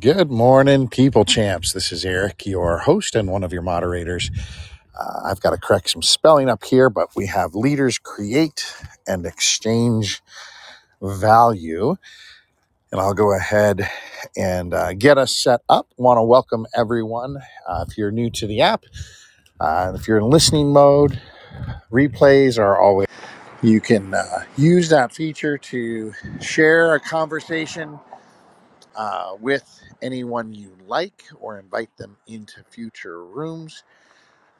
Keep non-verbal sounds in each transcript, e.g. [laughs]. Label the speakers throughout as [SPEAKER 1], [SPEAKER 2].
[SPEAKER 1] Good morning, people champs. This is Eric, your host and one of your moderators. Uh, I've got to correct some spelling up here, but we have leaders create and exchange value. And I'll go ahead and uh, get us set up. Want to welcome everyone. Uh, if you're new to the app, uh, if you're in listening mode, replays are always. You can uh, use that feature to share a conversation uh, with anyone you like or invite them into future rooms.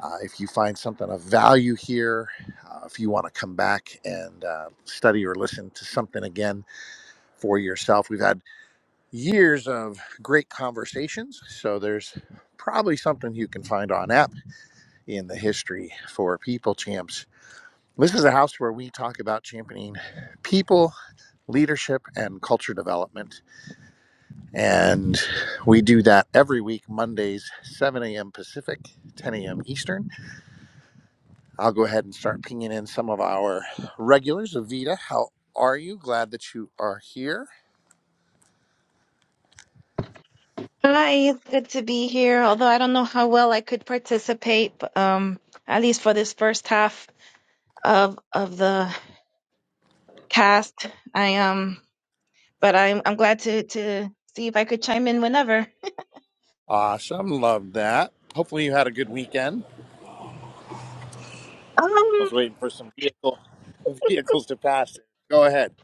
[SPEAKER 1] Uh, if you find something of value here, uh, if you want to come back and uh, study or listen to something again for yourself, we've had years of great conversations. So there's probably something you can find on app in the history for people champs. This is a house where we talk about championing people, leadership, and culture development And we do that every week, Mondays, 7 a.m. Pacific, 10 a.m. Eastern. I'll go ahead and start pinging in some of our regulars. Avita, how are you? Glad that you are here.
[SPEAKER 2] Hi, it's good to be here. Although I don't know how well I could participate, but, um, at least for this first half of of the cast, I um, but I'm I'm glad to to see if I could chime in whenever.
[SPEAKER 1] Awesome. Love that. Hopefully you had a good weekend. I
[SPEAKER 2] Um,
[SPEAKER 1] was waiting for some vehicle [laughs] vehicles to pass. Go ahead.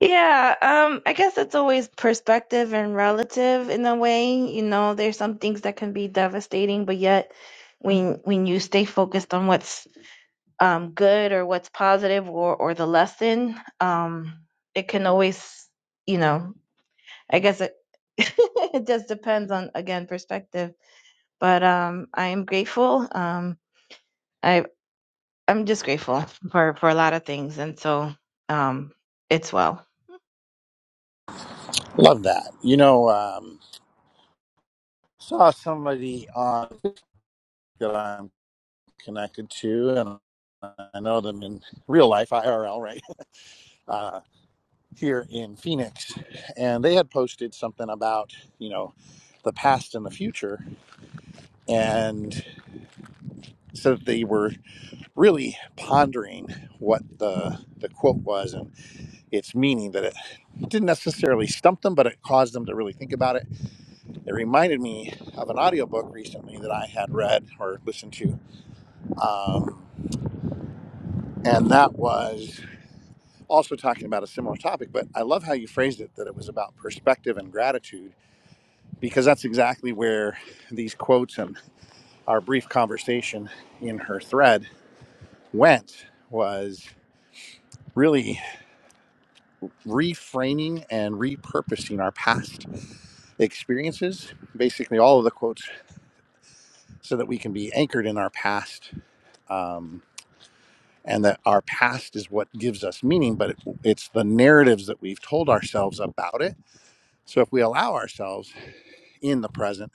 [SPEAKER 2] yeah, um, I guess it's always perspective and relative in a way. You know, there's some things that can be devastating, but yet when when you stay focused on what's um, good or what's positive or or the lesson um it can always you know i guess it [laughs] it just depends on again perspective but um i am grateful um i i'm just grateful for for a lot of things and so um it's well
[SPEAKER 1] Love that. You know, um, saw somebody on that I'm connected to, and I know them in real life, IRL, right? [laughs] Uh, here in Phoenix, and they had posted something about, you know, the past and the future. And so they were really pondering what the, the quote was and its meaning that it didn't necessarily stump them, but it caused them to really think about it. It reminded me of an audiobook recently that I had read or listened to. Um, and that was also talking about a similar topic, but I love how you phrased it that it was about perspective and gratitude because that's exactly where these quotes and our brief conversation in her thread went was really reframing and repurposing our past experiences basically all of the quotes so that we can be anchored in our past um, and that our past is what gives us meaning but it, it's the narratives that we've told ourselves about it so if we allow ourselves in the present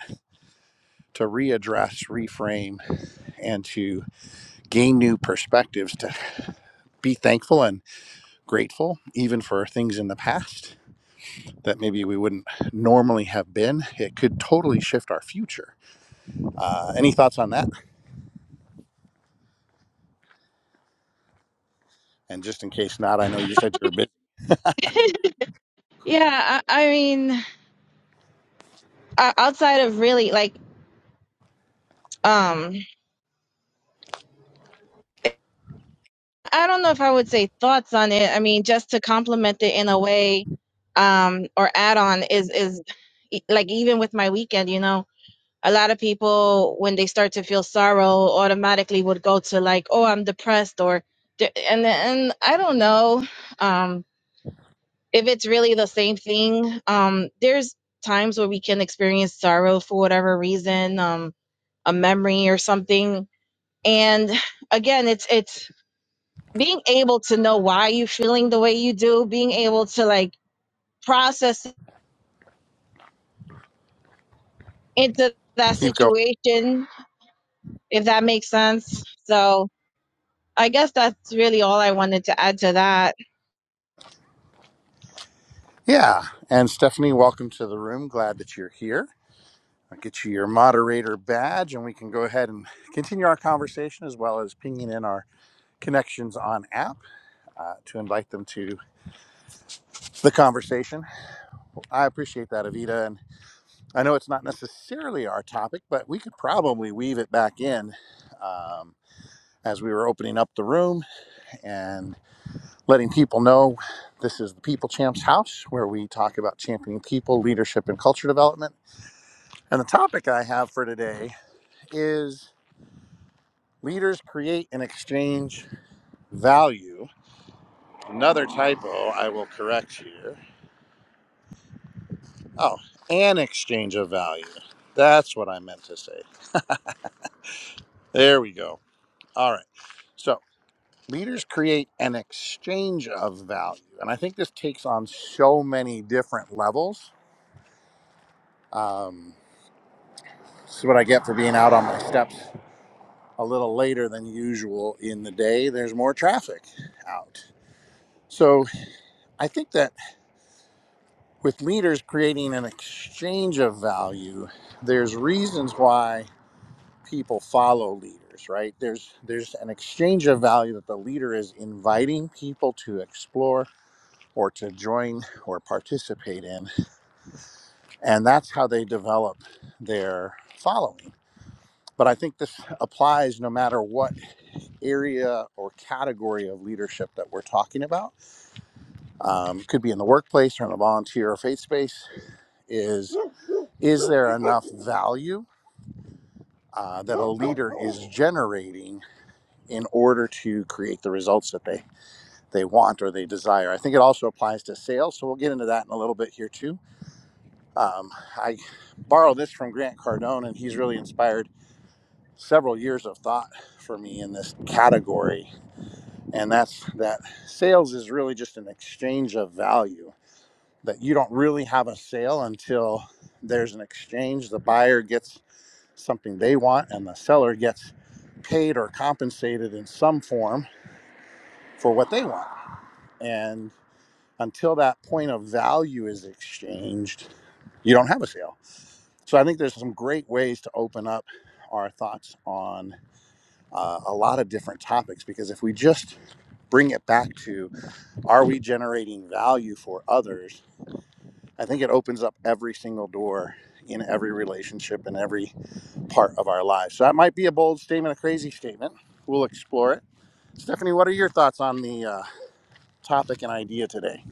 [SPEAKER 1] to readdress reframe and to gain new perspectives to be thankful and grateful even for things in the past that maybe we wouldn't normally have been. It could totally shift our future. Uh, any thoughts on that? And just in case not, I know you said you're a bit.
[SPEAKER 2] [laughs] yeah i, I mean uh, outside of really like um I don't know if I would say thoughts on it. I mean, just to complement it in a way, um, or add on is is e- like even with my weekend, you know, a lot of people when they start to feel sorrow, automatically would go to like, oh, I'm depressed, or d- and and I don't know um, if it's really the same thing. Um, there's times where we can experience sorrow for whatever reason, um, a memory or something, and again, it's it's being able to know why you're feeling the way you do, being able to like process into that
[SPEAKER 1] Keep going.
[SPEAKER 2] situation, if that makes sense. So I guess that's really all I wanted to add to that.
[SPEAKER 1] Yeah. And Stephanie, welcome to the room. Glad that you're here. I'll get you your moderator badge and we can go ahead and continue our conversation as well as pinging in our connections on app uh, to invite them to the conversation. I appreciate that, Evita. and. I know it's not necessarily our topic, but we could probably weave it back in um, as we were opening up the room and letting people know this is the People Champs House, where we talk about championing people, leadership, and culture development. And the topic I have for today is leaders create and exchange value. Another typo I will correct here. Oh, an exchange of value. That's what I meant to say. There we go. All right. So. leaders create an exchange of value. And I think this takes on so many different levels. Um, this is what I get for being out on my steps a little later than usual in the day. There's more traffic out. So I think that with leaders creating an exchange of value, there's reasons why people follow leaders, right? There's there's an exchange of value that the leader is inviting people to explore or to join or participate in And that's how they develop their following. But I think this applies no matter what area or category of leadership that we're talking about. Um, could be in the workplace or in a volunteer or faith space. Is is there enough value uh, that a leader is generating in order to create the results that they they want or they desire? I think it also applies to sales. So we'll get into that in a little bit here too. Um, I borrow this from Grant Cardone, and he's really inspired several years of thought for me in this category and that's that sales is really just an exchange of value that you don't really have a sale until there's an exchange the buyer gets something they want and the seller gets paid or compensated in some form for what they want and until that point of value is exchanged you don't have a sale so i think there's some great ways to open up our thoughts on uh, a lot of different topics because if we just bring it back to are we generating value for others i think it opens up every single door in every relationship and every part of our lives so that might be a bold statement a crazy statement we'll explore it stephanie what are your thoughts on the uh, topic and idea today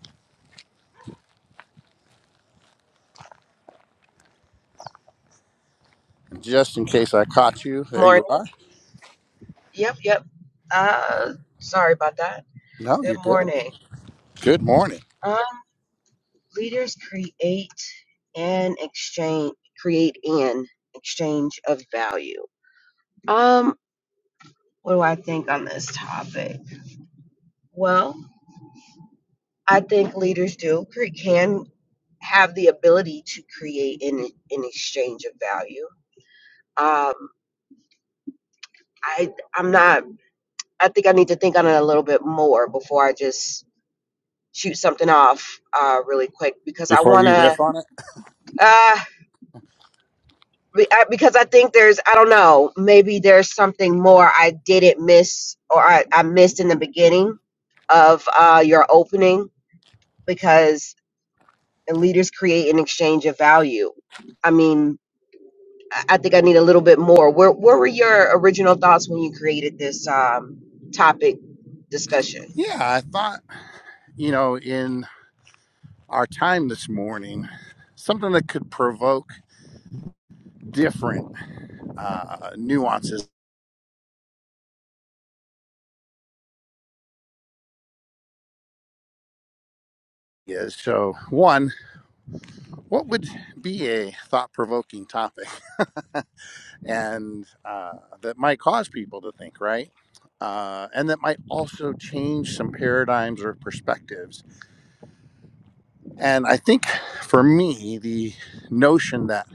[SPEAKER 1] just in case i caught you there
[SPEAKER 3] Morning.
[SPEAKER 1] you are
[SPEAKER 3] Yep, yep. Uh, sorry about that.
[SPEAKER 1] no
[SPEAKER 3] Good
[SPEAKER 1] you're good
[SPEAKER 3] morning.
[SPEAKER 1] good morning
[SPEAKER 3] Um, leaders create and exchange, create an exchange of value. Um, what do I think on this topic? Well, I think leaders do cre- can have the ability to create an an exchange of value. Um, I I'm not. I think I need to think on it a little bit more before I just shoot something off uh, really quick because I
[SPEAKER 1] before
[SPEAKER 3] want
[SPEAKER 1] you
[SPEAKER 3] to
[SPEAKER 1] riff on it
[SPEAKER 3] Uh, be- I- because I think there's, I don't know, maybe there's something more I didn't miss or I, I missed in the beginning of uh, your opening because leaders create an exchange of value. I mean, I I think I need a little bit more. Where, where were your original thoughts when you created this um, topic discussion?
[SPEAKER 1] yeah i thought you know in our time this morning something that could provoke different uh, nuances is. So, one, what would be a thought provoking topic [laughs] and uh, that might cause people to think, right? Uh, and that might also change some paradigms or perspectives. And I think for me, the notion that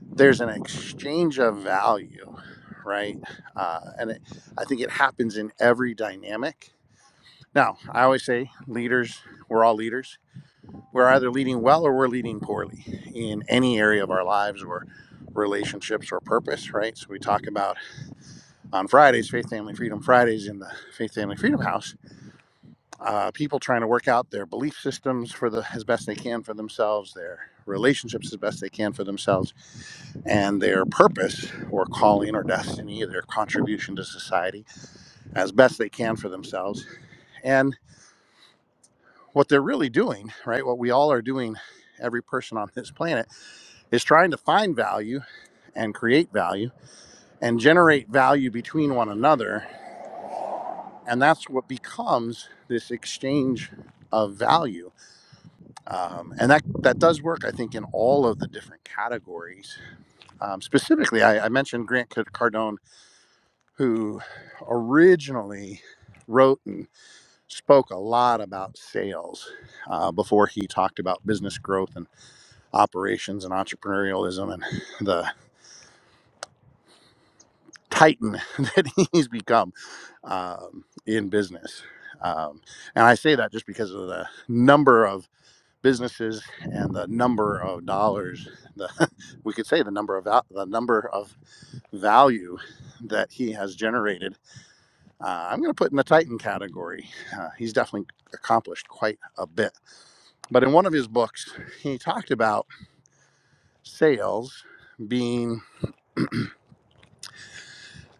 [SPEAKER 1] there's an exchange of value, right? Uh, and it, I think it happens in every dynamic. Now, I always say leaders, we're all leaders we're either leading well or we're leading poorly in any area of our lives or relationships or purpose, right? So we talk about on Fridays, Faith Family Freedom Fridays in the Faith Family Freedom House, uh, people trying to work out their belief systems for the as best they can for themselves, their relationships as best they can for themselves, and their purpose or calling or destiny, their contribution to society as best they can for themselves. And what they're really doing, right? What we all are doing, every person on this planet is trying to find value and create value and generate value between one another. And that's what becomes this exchange of value. Um, and that, that does work, I think, in all of the different categories. Um, specifically, I, I mentioned Grant Cardone, who originally wrote and spoke a lot about sales uh, before he talked about business growth and operations and entrepreneurialism and the titan [laughs] that he's become um, in business. Um, and I say that just because of the number of businesses and the number of dollars, the, [laughs] we could say the number of val- the number of value that he has generated. Uh, I'm going to put in the Titan category. Uh, he's definitely accomplished quite a bit. But in one of his books, he talked about sales being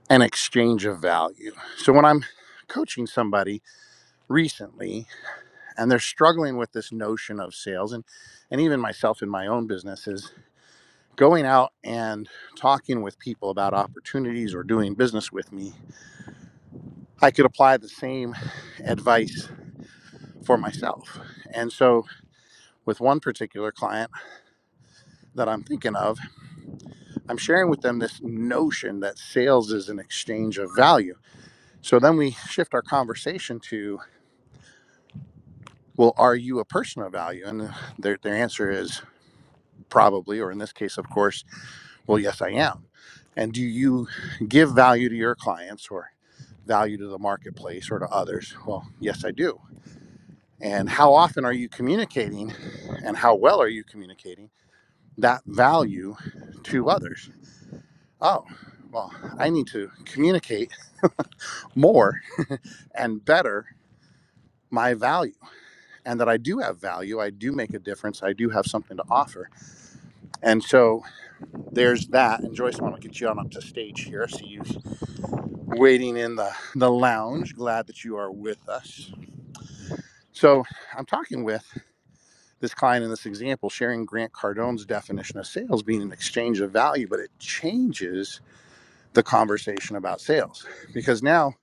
[SPEAKER 1] an exchange of value. So when I'm coaching somebody recently, and they're struggling with this notion of sales and and even myself in my own business is going out and talking with people about opportunities or doing business with me i could apply the same advice for myself and so with one particular client that i'm thinking of i'm sharing with them this notion that sales is an exchange of value so then we shift our conversation to well are you a person of value and uh, their, their answer is probably or in this case of course Well, yes, I am. And do you give value to your clients or value to the marketplace or to others? Well, yes, I do. And how often are you communicating and how well are you communicating that value to others? Oh, well, I need to communicate more and better my value and that I do have value. I do make a difference. I do have something to offer. And so there's that. And Joyce, I want to get you on up to stage here. so you waiting in the, the lounge. Glad that you are with us. So, I'm talking with this client in this example, sharing Grant Cardone's definition of sales being an exchange of value, but it changes the conversation about sales because now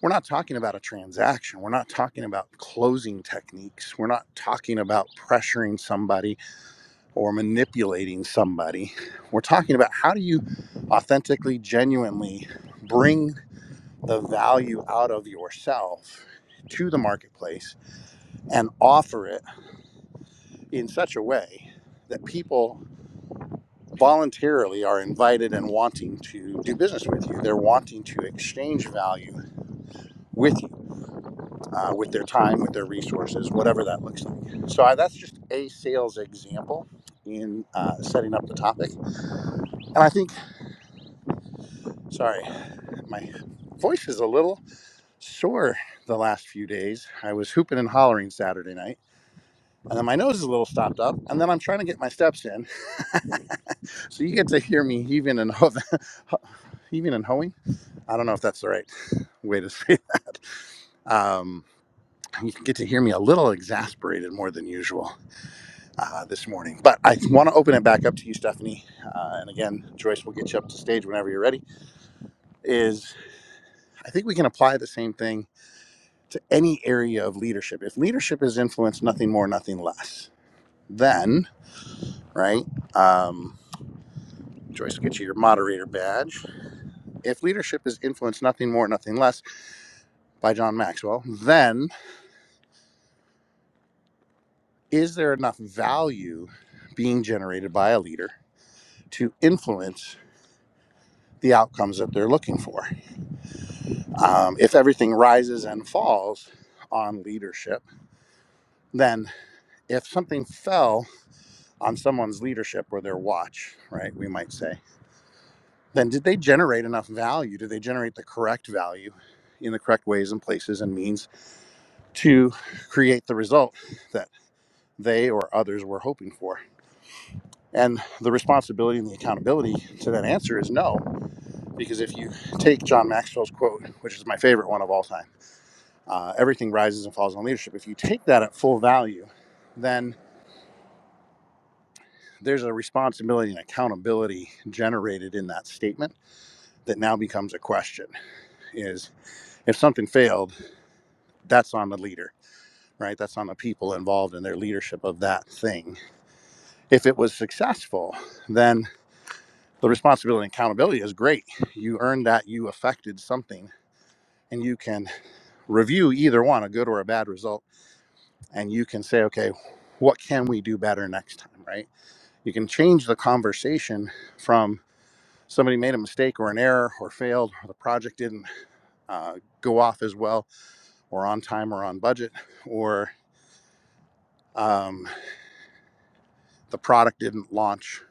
[SPEAKER 1] we're not talking about a transaction. We're not talking about closing techniques. We're not talking about pressuring somebody or manipulating somebody. We're talking about how do you authentically, genuinely bring the value out of yourself to the marketplace and offer it in such a way that people voluntarily are invited and wanting to do business with you. They're wanting to exchange value with you, uh, with their time, with their resources, whatever that looks like. So I, that's just a sales example in uh, setting up the topic. And I think, sorry, my voice is a little sore the last few days. I was hooping and hollering Saturday night and then my nose is a little stopped up, and then I'm trying to get my steps in. [laughs] so you get to hear me heaving and ho- [laughs] heaving and hoeing. I don't know if that's the right way to [laughs] say that. Um, you get to hear me a little exasperated more than usual uh, this morning, but I want to open it back up to you, Stephanie. Uh, and again, Joyce will get you up to stage whenever you're ready. Is I think we can apply the same thing to any area of leadership. If leadership is influence, nothing more, nothing less, then right. Um, Joyce will get you your moderator badge. If leadership is influenced nothing more, nothing less by John Maxwell, then is there enough value being generated by a leader to influence the outcomes that they're looking for? Um, if everything rises and falls on leadership, then if something fell on someone's leadership or their watch, right, we might say, then did they generate enough value? Did they generate the correct value in the correct ways and places and means? to create the result that they or others were hoping for. And the responsibility and the accountability to that answer is no, because if you take John Maxwell's quote, which is my favorite one of all time, uh, everything rises and falls on leadership. If you take that at full value, then there's a responsibility and accountability generated in that statement that now becomes a question is if something failed that's on the leader right that's on the people involved in their leadership of that thing if it was successful then the responsibility and accountability is great. You earned that, you affected something, and you can review either one, a good or a bad result, and you can say, okay, what can we do better next time, right? You can change the conversation from somebody made a mistake or an error or failed, or the project didn't uh, go off as well or on time or on budget, or um, the product didn't launch.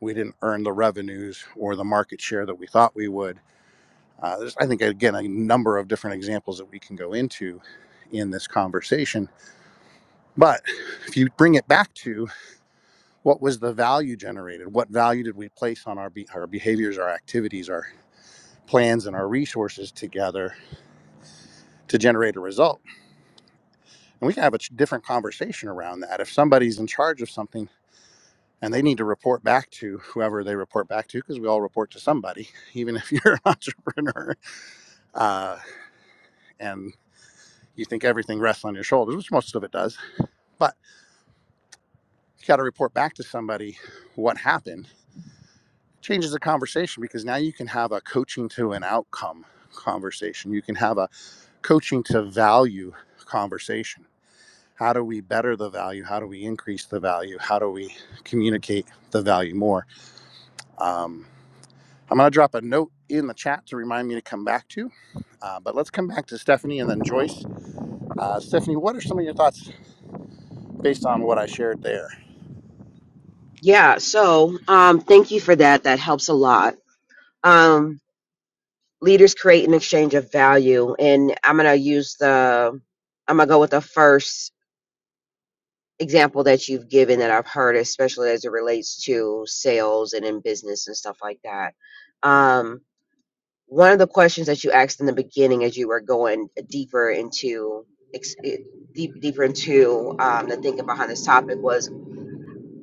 [SPEAKER 1] We didn't earn the revenues or the market share that we thought we would Uh, there's, I think, again, a number of different examples that we can go into in this conversation. But if you bring it back to what was the value generated, what value did we place on our, be- our behaviors, our activities, our plans, and our resources together to generate a result? And we can have a different conversation around that. If somebody's in charge of something, and they need to report back to whoever they report back to, because we all report to somebody, [laughs] even if you're an [laughs] entrepreneur. Uh, and you think everything rests on your shoulders, which most of it does. but got to report back to somebody what happened changes the conversation because now you can have a coaching to an outcome conversation you can have a coaching to value conversation how do we better the value how do we increase the value how do we communicate the value more um, i'm going to drop a note in the chat to remind me to come back to uh, but let's come back to stephanie and then joyce uh, stephanie what are some of your thoughts based on what i shared there
[SPEAKER 3] Yeah, so um, thank you for that. That helps a lot. Um. leaders create an exchange of value and i'm going to use the i'm going to go with the first example that you've given that i've heard especially as it relates to sales and in business and stuff like that um, one of the questions that you asked in the beginning as you were going deeper into ex- eh, deep deeper into um, the thinking behind this topic was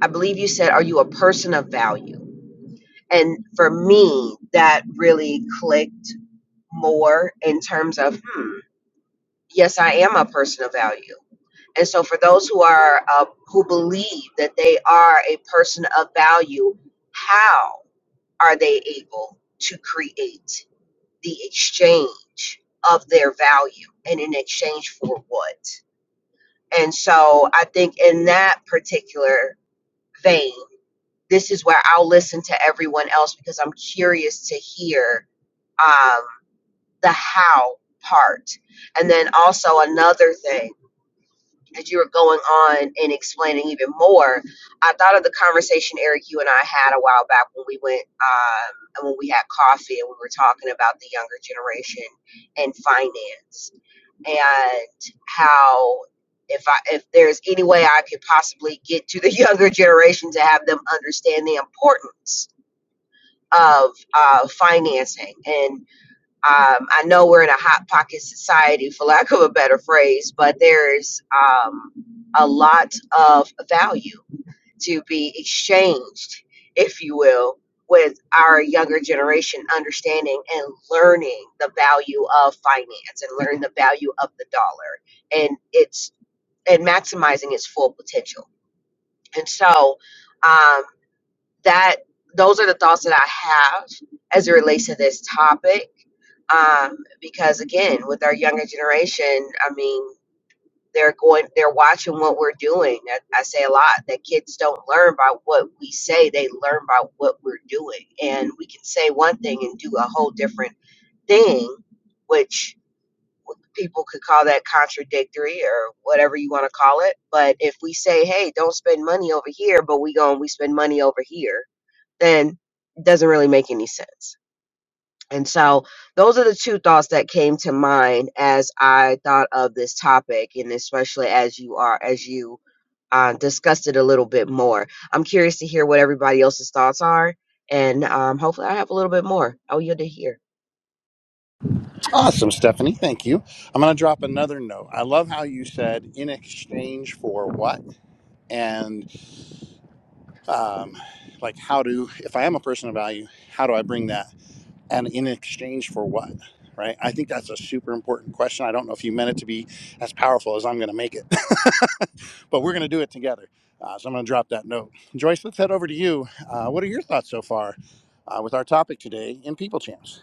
[SPEAKER 3] i believe you said are you a person of value and for me that really clicked more in terms of hmm, yes i am a person of value and so for those who are uh, who believe that they are a person of value how are they able to create the exchange of their value and in exchange for what and so i think in that particular vein this is where i'll listen to everyone else because i'm curious to hear um, the how part and then also another thing as you were going on and explaining even more, I thought of the conversation Eric, you and I had a while back when we went um, and when we had coffee and we were talking about the younger generation and finance and how if I if there's any way I could possibly get to the [laughs] younger generation to have them understand the importance of uh, financing and um, I know we're in a hot pocket society, for lack of a better phrase, but there's um, a lot of value to be exchanged, if you will, with our younger generation understanding and learning the value of finance and learning the value of the dollar and its and maximizing its full potential. And so um, that those are the thoughts that I have as it relates to this topic um, because again, with our younger generation, I mean, they're going, they're watching what we're doing. I, I say a lot that kids don't learn by what we say; they learn by what we're doing. And we can say one thing and do a whole different thing, which people could call that contradictory or whatever you want to call it. But if we say, "Hey, don't spend money over here," but we go and we spend money over here, then it doesn't really make any sense. And so those are the two thoughts that came to mind as I thought of this topic and especially as you are as you uh, discussed it a little bit more. I'm curious to hear what everybody else's thoughts are and um, hopefully I have a little bit more. I'll yield to hear.
[SPEAKER 1] Awesome, Stephanie. Thank you. I'm going to drop another note. I love how you said in exchange for what, and um, like how do if I am a person of value, how do I bring that, and in exchange for what, right? I think that's a super important question. I don't know if you meant it to be as powerful as I'm going to make it. but we're going to do it together. Uh, so I'm going to drop that note. Joyce, let's head over to you. Uh, what are your thoughts so far uh, with our topic today in People Champs?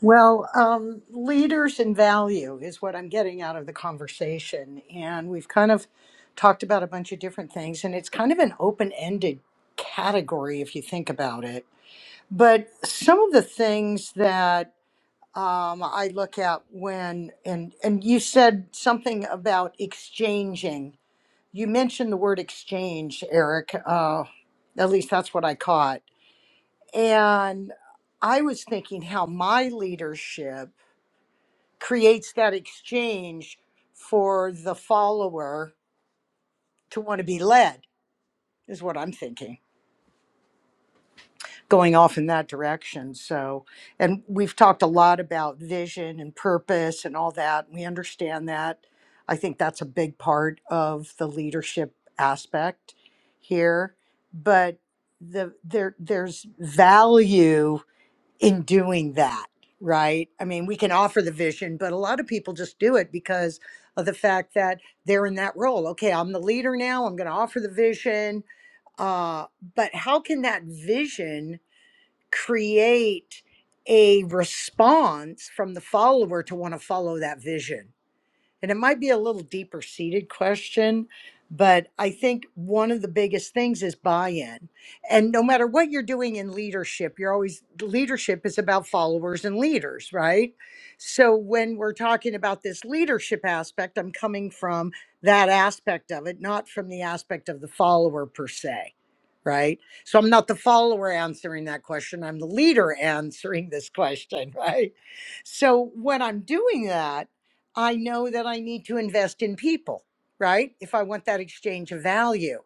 [SPEAKER 4] Well, um, leaders and value is what I'm getting out of the conversation. And we've kind of talked about a bunch of different things, and it's kind of an open ended category if you think about it. But some of the things that um, I look at when, and, and you said something about exchanging. You mentioned the word exchange, Eric. Uh, at least that's what I caught. And I was thinking how my leadership creates that exchange for the follower to want to be led is what i'm thinking going off in that direction so and we've talked a lot about vision and purpose and all that we understand that i think that's a big part of the leadership aspect here but the there there's value in doing that, right? I mean, we can offer the vision, but a lot of people just do it because of the fact that they're in that role. Okay, I'm the leader now, I'm going to offer the vision. Uh, but how can that vision create a response from the follower to want to follow that vision? And it might be a little deeper seated question, but I think one of the biggest things is buy in. And no matter what you're doing in leadership, you're always, leadership is about followers and leaders, right? So when we're talking about this leadership aspect, I'm coming from that aspect of it, not from the aspect of the follower per se, right? So I'm not the follower answering that question, I'm the leader answering this question, [laughs] right? So when I'm doing that, I know that I need to invest in people, right? If I want that exchange of value.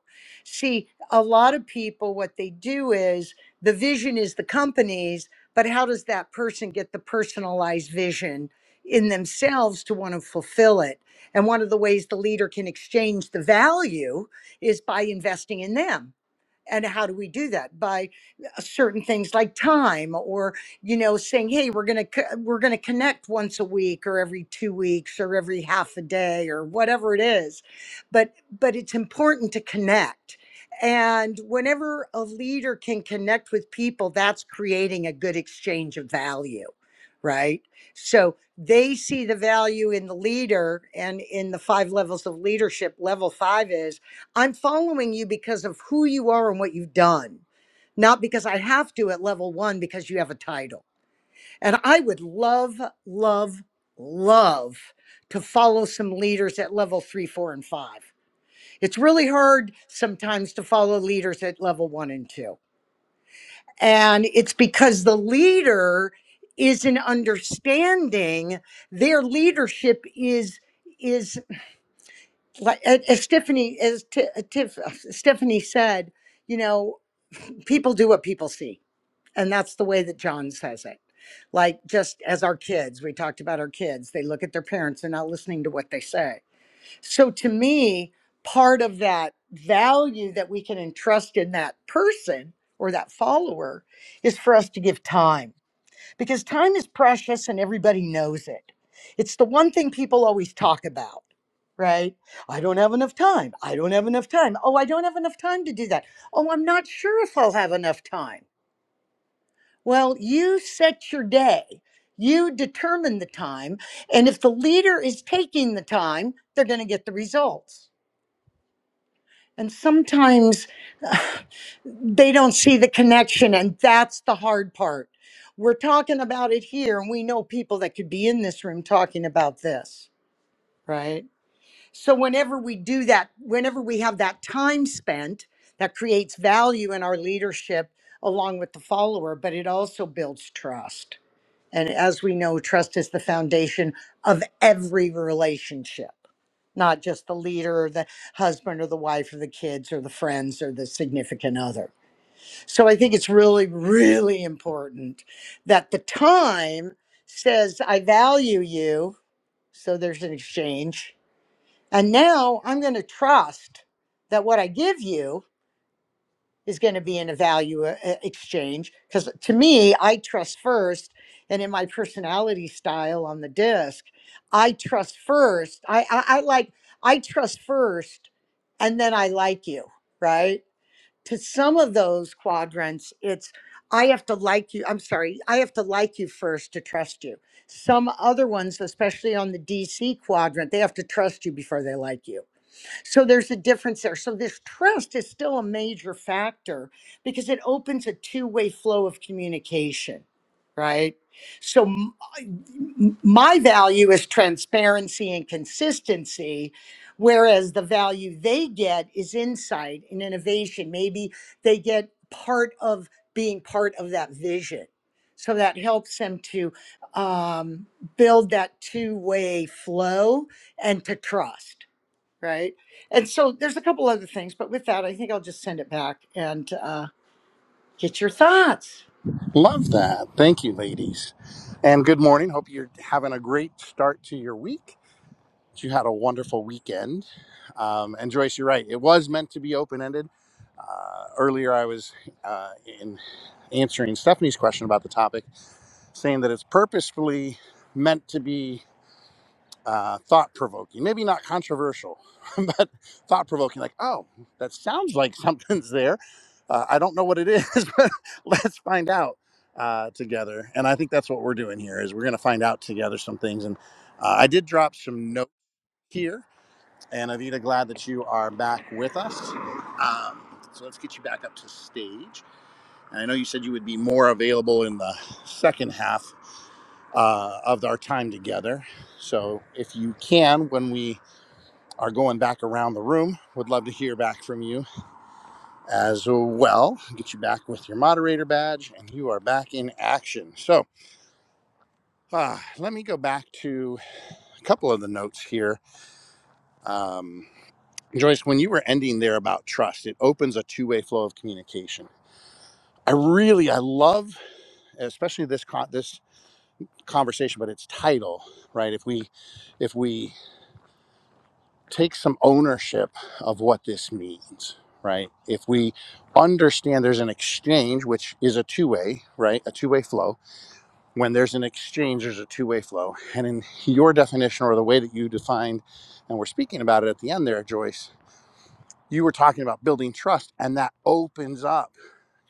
[SPEAKER 4] See, a lot of people, what they do is the vision is the company's, but how does that person get the personalized vision in themselves to want to fulfill it? And one of the ways the leader can exchange the value is by investing in them and how do we do that by uh, certain things like time or you know saying hey we're going to we're going to connect once a week or every 2 weeks or every half a day or whatever it is but but it's important to connect and whenever a leader can connect with people that's creating a good exchange of value right so they see the value in the leader and in the five levels of leadership level 5 is I'm following you because of who you are and what you've done, not because I have to at level one because you have a title. And I would love, love, love to follow some leaders at level three, four, and five. It's really hard sometimes to follow leaders at level one and two. And it's because the leader is an understanding their leadership is is like as Stephanie as T- Tiff, Stephanie said, you know people do what people see and that's the way that john says it like just as our kids we talked about our kids they look at their parents they're not listening to what they say so to me part of that value that we can entrust in that person or that follower is for us to give time because time is precious and everybody knows it it's the one thing people always talk about right i don't have enough time i don't have enough time oh i don't have enough time to do that oh i'm not sure if i'll have enough time well, you set your day, you determine the time, and if the leader is taking the time, they're going to get the results. And sometimes [sighs] they don't see the connection, and that's the hard part. We're talking about it here, and we know people that could be in this room talking about this, right? So, whenever we do that, whenever we have that time spent, that creates value in our leadership along with the follower, but it also builds trust. And as we know, trust is the foundation of every relationship, not just the leader or the husband or the wife or the kids or the friends or the significant other. So I think it's really, really important that the time says, I value you. So there's an exchange. And now I'm going to trust that what I give you is going to be in a value uh, uh, exchange because to me i trust first and in my personality style on the disc i trust first i i, I like i trust first and then i like you right to some of those quadrants it's i have to like you i'm sorry i have to like you first to trust you some other ones especially on the dc quadrant they have to trust you before they like you so there's a difference there. So this trust is still a major factor because it opens a two way flow of communication, right? So m- m- my value is transparency and consistency, whereas the value they get is insight and innovation. Maybe they get part of being part of that vision. So that helps them to um, build that two way flow and to trust right? And so there's a couple other things, but with that, I think I'll just send it back and uh, get your thoughts.
[SPEAKER 1] Love that. Thank you, ladies. And good morning. Hope you're having a great start to your week. You had a wonderful weekend. Um, and Joyce, you're right. It was meant to be open ended. Uh, earlier, I was uh, in answering Stephanie's question about the topic, saying that it's purposefully meant to be uh, thought provoking, maybe not controversial, [laughs] but thought provoking. Like, oh, that sounds like [laughs] something's there. Uh, I don't know what it is, [laughs] but let's find out uh, together. And I think that's what we're doing here is we're going to find out together some things. And uh, I did drop some notes here. And Avita, glad that you are back with us. Um, so let's get you back up to stage. And I know you said you would be more available in the second half uh, of our time together. So if you can, when we are going back around the room. Would love to hear back from you as well. Get you back with your moderator badge, and you are back in action. So uh, let me go back to a couple of the notes here. Um, Joyce, when you were ending there about trust, it opens a two-way flow of communication. I really, I love, especially this con- this conversation, but its title, right? If we, if we take some ownership of what this means, right? If we understand there's an exchange, which is a two way, right? A two way flow. When there's an exchange, there's a two way flow. And in your definition or the way that you defined, and we're speaking about it at the end there, Joyce, you were talking about building trust, and that opens up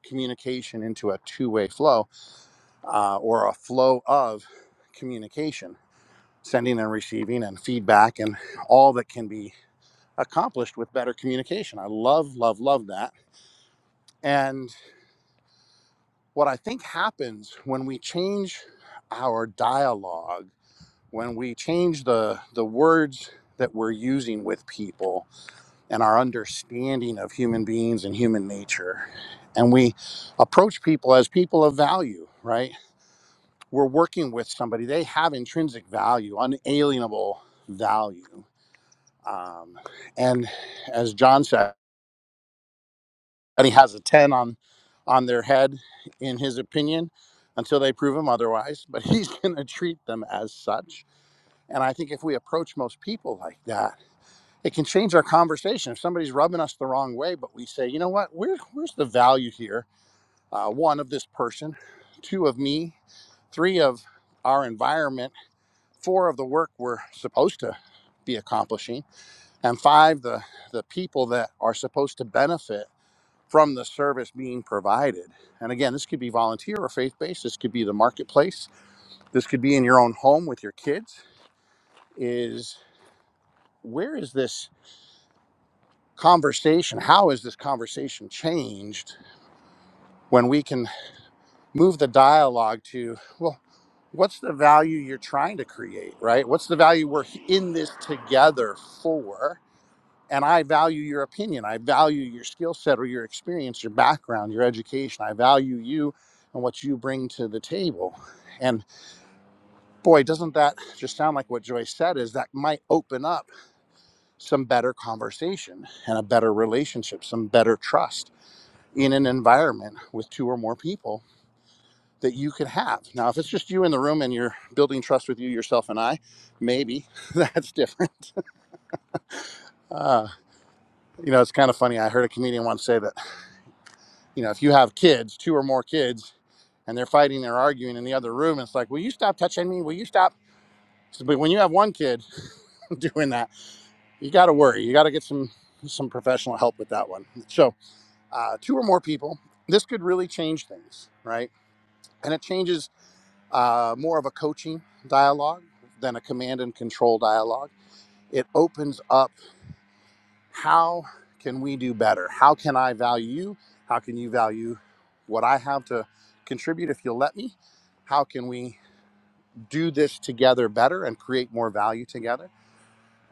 [SPEAKER 1] communication into a two way flow uh, or a flow of communication. Sending and receiving and feedback and all that can be accomplished with better communication. I love, love, love that. And what I think happens when we change our dialogue, when we change the, the words that we're using with people and our understanding of human beings and human nature, and we approach people as people of value, right? We're working with somebody, they have intrinsic value, unalienable value. Um, and as John said, and he has a 10 on on their head in his opinion until they prove him otherwise but he's [laughs] going to treat them as such and i think if we approach most people like that it can change our conversation if somebody's rubbing us the wrong way but we say you know what Where, where's the value here uh, one of this person two of me three of our environment four of the work we're supposed to be accomplishing and five the the people that are supposed to benefit from the service being provided. And again, this could be volunteer or faith based, this could be the marketplace, this could be in your own home with your kids. Is where is this conversation? How is this conversation changed when we can move the dialogue to, well, what's the value you're trying to create, right? What's the value we're in this together for? and I value your opinion. I value your skill set or your experience, your background, your education. I value you and what you bring to the table. And boy, doesn't that just sound like what Joyce said is that might open up some better conversation and a better relationship, some better trust in an environment with two or more people that you could have. Now, if it's just you in the room and you're building trust with you, yourself, and I, maybe [laughs] that's different. Uh, you know, it's kind of funny. I heard a comedian once say that you know, if you have kids, two or more kids, and they're fighting, they're arguing in the other room, it's like, will you stop touching me? Will you stop? So, but when you have one kid [laughs] doing that, you got to worry. You got to get some some professional help with that one. So, uh, two or more people, this could really change things, right? And it changes uh, more of a coaching dialogue than a command and control dialogue. It opens up How can we do better? How can I value you? How can you value what I have to contribute if you'll let me? How can we do this together better and create more value together?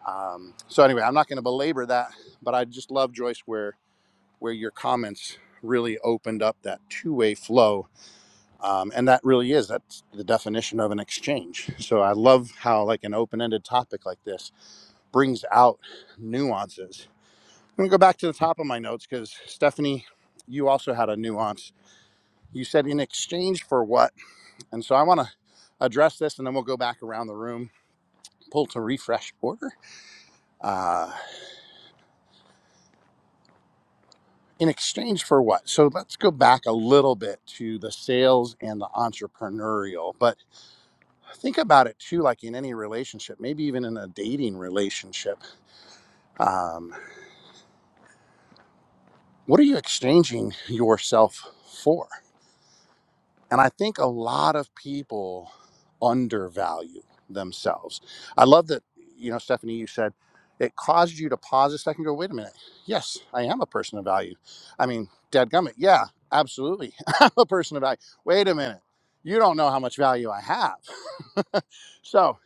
[SPEAKER 1] Um, so anyway, I'm not going to belabor that, but I just love Joyce where where your comments really opened up that two-way flow, um, and that really is that's the definition of an exchange. So I love how like an open-ended topic like this brings out nuances I'm gonna go back to the top of my notes because Stephanie, you also had a nuance. You said in exchange for what? And so I want to address this, and then we'll go back around the room, pull to refresh order. Uh, in exchange for what? So let's go back a little bit to the sales and the entrepreneurial. But think about it too, like in any relationship, maybe even in a dating relationship. Um, what are you exchanging yourself for? And I think a lot of people undervalue themselves. I love that, you know, Stephanie, you said it caused you to pause a second and go, wait a minute. Yes, I am a person of value. I mean, dadgummit. Yeah, absolutely. [laughs] I'm a person of value. Wait a minute. You don't know how much value I have. [laughs] so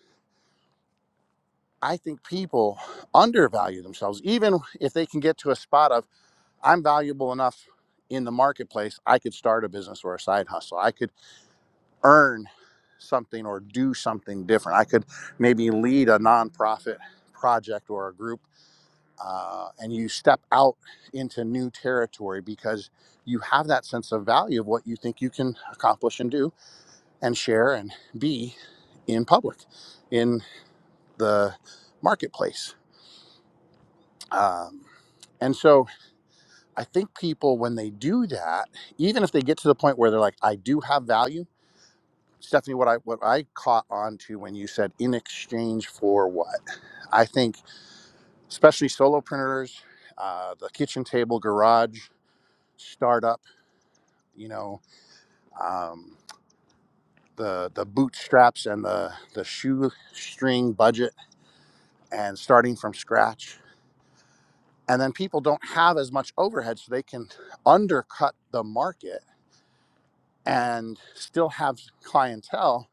[SPEAKER 1] I think people undervalue themselves, even if they can get to a spot of, I'm valuable enough in the marketplace, I could start a business or a side hustle. I could. earn something or do something different. I could maybe lead a nonprofit project or a group, uh, and you step out into new territory because you have that sense of value of what you think you can accomplish and do and share and be in public, in the marketplace. Um, and so I think people, when they do that, even if they get to the point where they're like, I do have value Stephanie, what I what I caught on to when you said in exchange for what? I think especially solopreneurs, uh, the kitchen table garage startup, you know, um, the the bootstraps and the the shoestring budget and starting from scratch, and then people don't have as much overhead, so they can undercut the market and still have clientele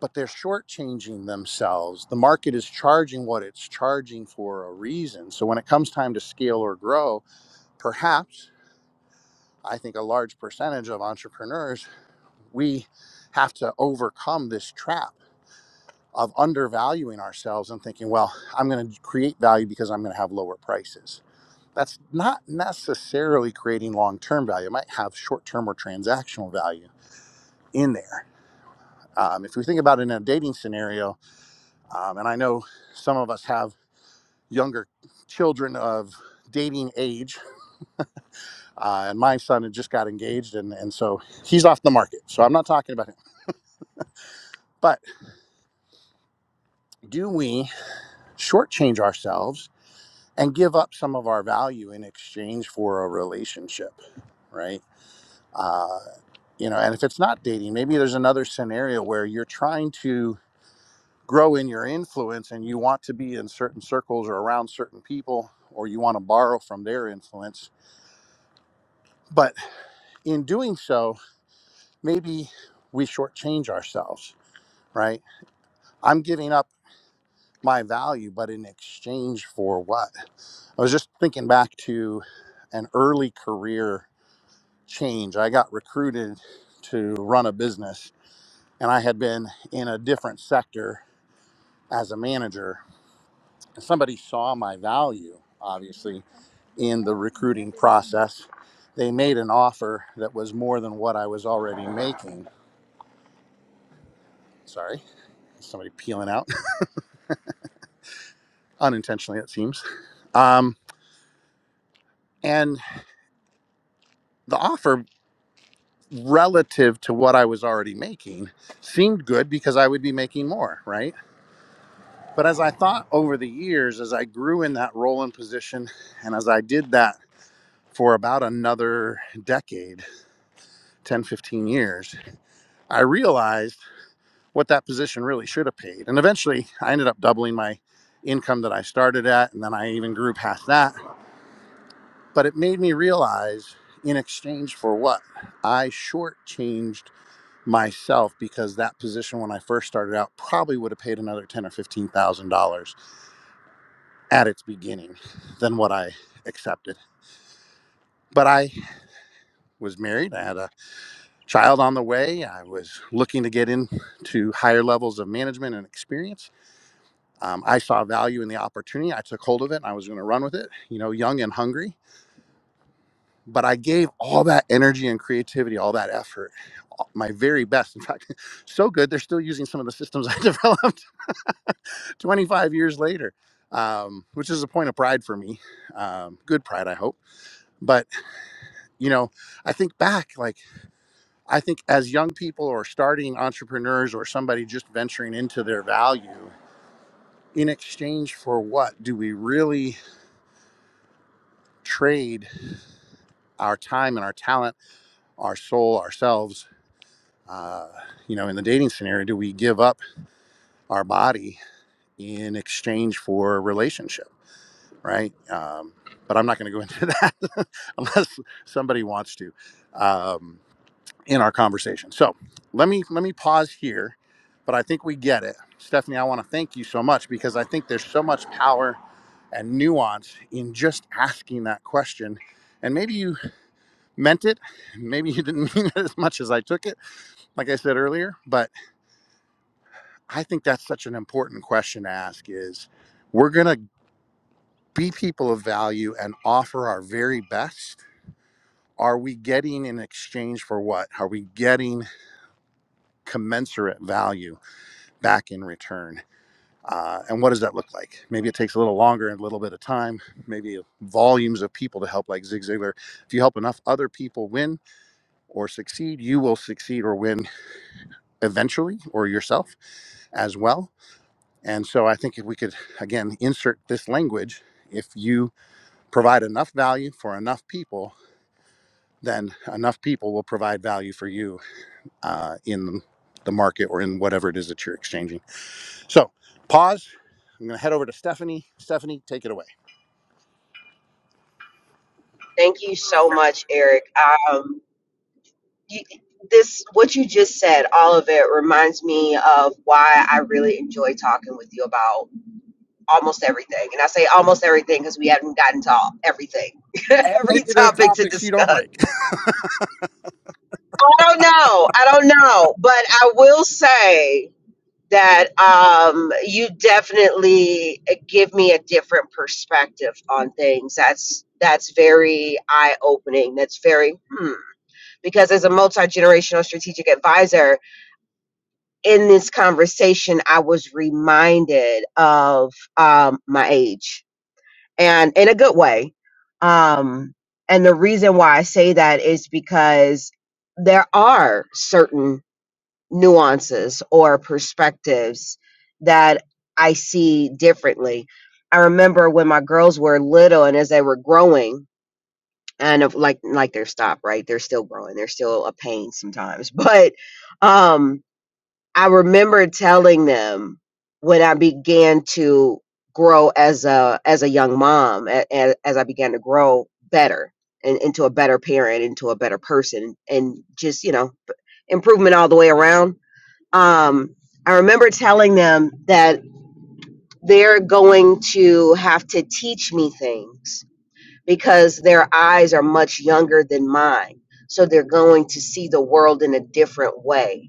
[SPEAKER 1] but they're shortchanging themselves. The market is charging what it's charging for a reason. So when it comes time to scale or grow, perhaps I think a large percentage of entrepreneurs, we have to overcome this trap of undervaluing ourselves and thinking, well, I'm going to create value because I'm going to have lower prices. That's not necessarily creating long term value. It might have short term or transactional value in there. Um, if we think about it in a dating scenario, um, and I know some of us have younger children of dating age. Uh, and my son had just got engaged, and, and so he's off the market. So I'm not talking about him. But do we shortchange ourselves and give up some of our value in exchange for a relationship, right? Uh, you know, and if it's not dating, maybe there's another scenario where you're trying to grow in your influence and you want to be in certain circles or around certain people, or you want to borrow from their influence. But in doing so, maybe we shortchange ourselves, right? I'm giving up my value, but in exchange for what? I was just thinking back to an early career change. I got recruited to run a business, and I had been in a different sector as a manager. And somebody saw my value, obviously, in the recruiting process. They made an offer that was more than what I was already making. Sorry, somebody peeling out unintentionally, it seems. Um, and the offer relative to what I was already making seemed good because I would be making more, right? But as I thought over the years, as I grew in that role and position, and as I did that for about another decade 10, 15 years I realized what that position really should have paid. And eventually I ended up doubling my income that I started at. And then I even grew past that But it made me realize in exchange for what? I shortchanged myself because that position when I first started out probably would have paid another ten or fifteen thousand dollars at its beginning than what I accepted. But I was married, I had a child on the way, I was looking to get into higher levels of management and experience. Um, I saw value in the opportunity. I took hold of it and I was going to run with it, you know, young and hungry. but I gave all that energy and creativity, all that effort, all- my very best. In fact, [laughs] so good they're still using some of the systems I [laughs] developed [laughs] 25 years later, um, which is a point of pride for me. Um, good pride, I hope. But you know, I think back, like I think as young people or starting entrepreneurs or somebody just venturing into their value. In exchange for what do we really trade our time and our talent, our soul, ourselves Uh, you know, in the dating scenario, do we give up our body in exchange for a relationship, right? Um, but I'm not going to go into that [laughs] unless somebody wants to um, in our conversation. So let me let me pause here, but I think we get it, Stephanie. I want to thank you so much because I think there's so much power and nuance in just asking that question. And maybe you meant it, maybe you didn't [laughs] mean it as much as I took it, like I said earlier, but I think that's such an important question to ask is we're going to be people of value and offer our very best. Are we getting in exchange for what? Are we getting commensurate value back in return? Uh, and what does that look like? Maybe it takes a little longer and a little bit of time, maybe volumes of people to help, like Zig Ziglar. If you help enough other people win or succeed, you will succeed or win eventually, or yourself as well And so I think if we could, again, insert this language, if you provide enough value for enough people, then enough people will provide value for you uh, in the market or in whatever it is that you're exchanging. So pause. I'm going to head over to Stephanie. Stephanie, take it away.
[SPEAKER 3] Thank you so much, Eric. Um, you, this what you just said, all of it reminds me of why I really enjoy talking with you about almost everything. And I say almost everything because we haven't gotten to all, everything, [laughs]
[SPEAKER 1] And
[SPEAKER 3] every
[SPEAKER 1] maybe there's
[SPEAKER 3] topic to
[SPEAKER 1] topics you don't
[SPEAKER 3] discuss.
[SPEAKER 1] like. [laughs]
[SPEAKER 3] I don't know. I don't know. But I will say that um, you definitely give me a different perspective on things. That's that's very eye opening. That's very hmm. Because as a multi generational strategic advisor, in this conversation, I was reminded of um, my age and in a good way. Um, and the reason why I say that is because there are certain nuances or perspectives that I see differently. I remember when my girls were little and as they were growing, and of like like they're stopped, right? They're still growing. They're still a pain sometimes, [laughs] but um, I remember telling them when I began to grow as a as a young mom, a- a- as I began to grow better and into a better parent, into a better person, and just you know improvement all the way around. Um, I remember telling them that they're going to have to teach me things because their eyes are much younger than mine, so they're going to see the world in a different way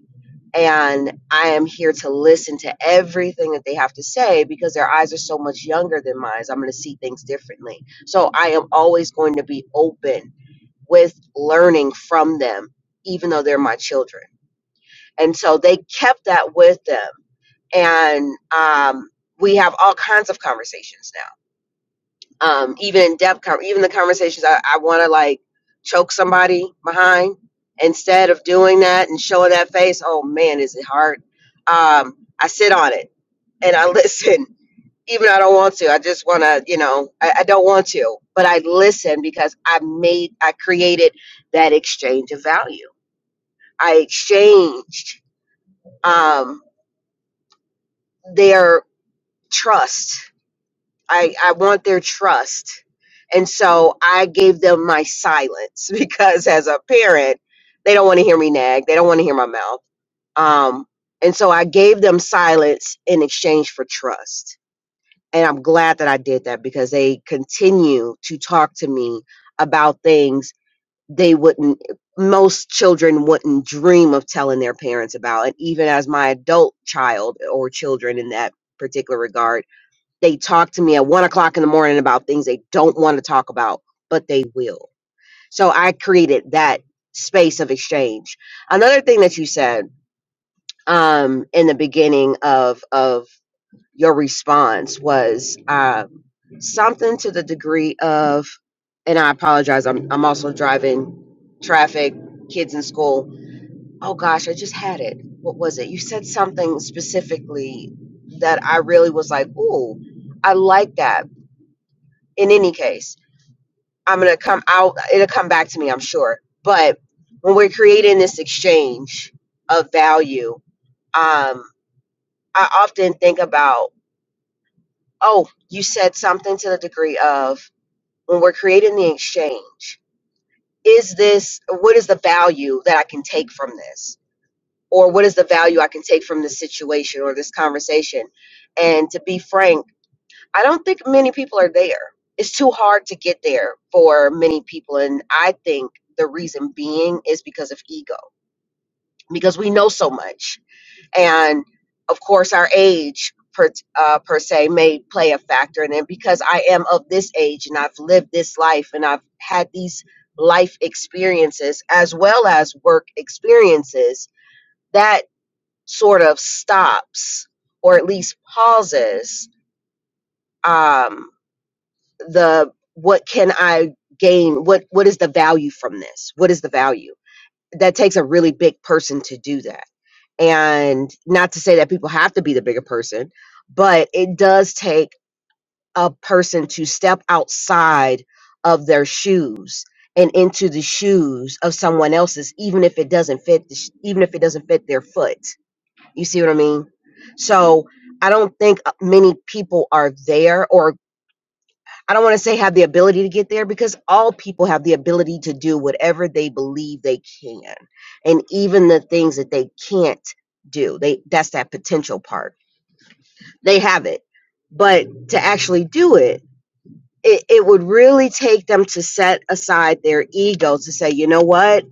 [SPEAKER 3] and I am here to listen to everything that they have to say because their eyes are so much younger than mine. So I'm going to see things differently. So I am always going to be open with learning from them, even though they're my children. And so they kept that with them. And um, we have all kinds of conversations now um, even in depth, con- even the conversations I, I want to like choke somebody behind instead of doing that and showing that face. Oh man, is it hard? Um, I sit on it and I listen, [laughs] even I don't want to. I just want to, you know, I, I don't want to, but I listen because I made, I created that exchange of value. I exchanged um, their trust I, I want their trust. And so I gave them my silence [laughs] because as a parent, they don't want to hear me nag. They don't want to hear my mouth. Um, and so I gave them silence in exchange for trust. And I'm glad that I did that because they continue to talk to me about things they wouldn't, most children wouldn't dream of telling their parents about. And even as my adult child or children in that particular regard, they talk to me at one o'clock in the morning about things they don't want to talk about, but they will. So I created that space of exchange. Another thing that you said um, in the beginning of of your response was um, something to the degree of, and I apologize. I'm I'm also driving traffic, kids in school. Oh gosh, I just had it. What was it? You said something specifically that I really was like, ooh, I like that in any case i'm gonna come out it'll come back to me i'm sure but when we're creating this exchange of value um i often think about oh you said something to the degree of when we're creating the exchange is this what is the value that i can take from this or what is the value i can take from this situation or this conversation and to be frank I don't think many people are there. It's too hard to get there for many people. And I think the reason being is because of ego, because we know so much. And of course, our age per, uh, per se may play a factor in it because I am of this age and I've lived this life and I've had these life experiences as well as work experiences that sort of stops or at least pauses um, the what can I gain? What what is the value from this? What is the value? That takes a really big person to do that. And not to say that people have to be the bigger person, but it does take a person to step outside of their shoes and into the shoes of someone else's even if it doesn't fit the sh- even if it doesn't fit their foot. You see what I mean? So, I don't think uh, many people are there or I don't want to say have the ability to get there because all people have the ability to do whatever they believe they can. And even the things that they can't do, they that's that potential part. They have it. But to actually do it, it, it would really take them to set aside their ego to say, you know what?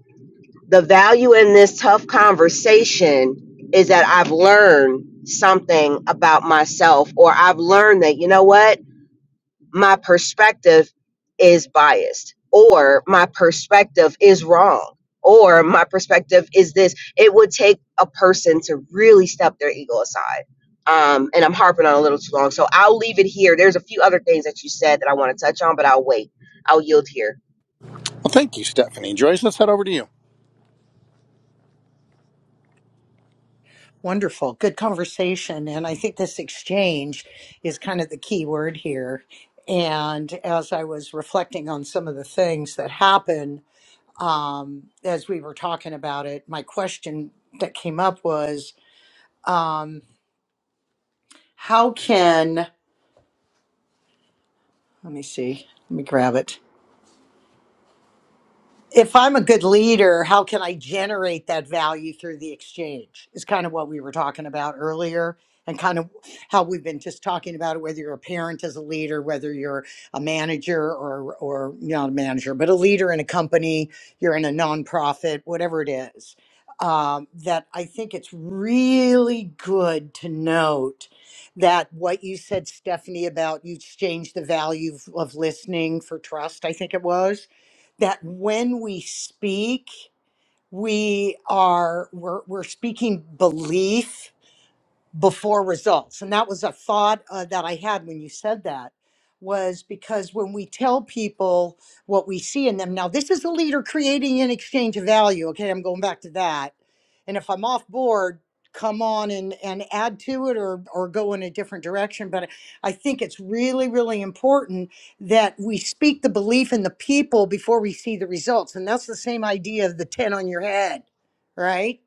[SPEAKER 3] The value in this tough conversation is that I've learned something about myself, or I've learned that, you know what? my perspective is biased or my perspective is wrong or my perspective is this it would take a person to really step their ego aside um, and i'm harping on a little too long so i'll leave it here there's a few other things that you said that i want to touch on but i'll wait i'll yield here
[SPEAKER 1] Well, thank you, Stephanie. Joyce, let's head over to you.
[SPEAKER 4] Wonderful, good conversation, and I think this exchange is kind of the key word here. And as I was reflecting on some of the things that happen um, as we were talking about it, my question that came up was, um, how can let me see, let me grab it. if I'm a good leader, how can I generate that value through the exchange? Is kind of what we were talking about earlier, and kind of how we've been just talking about it. Whether you're a parent as a leader, whether you're a manager or or not a manager, but a leader in a company, you're in a nonprofit, whatever it is. Um, that I think it's really good to note that what you said, Stephanie, about you exchange the value of of listening for trust. I think it was that when we speak we are we're, we're speaking belief before results and that was a thought uh, that i had when you said that was because when we tell people what we see in them now this is a leader creating an exchange of value okay i'm going back to that and if i'm off board come on and, and add to it or, or go in a different direction but i think it's really really important that we speak the belief in the people before we see the results and that's the same idea of the 10 on your head right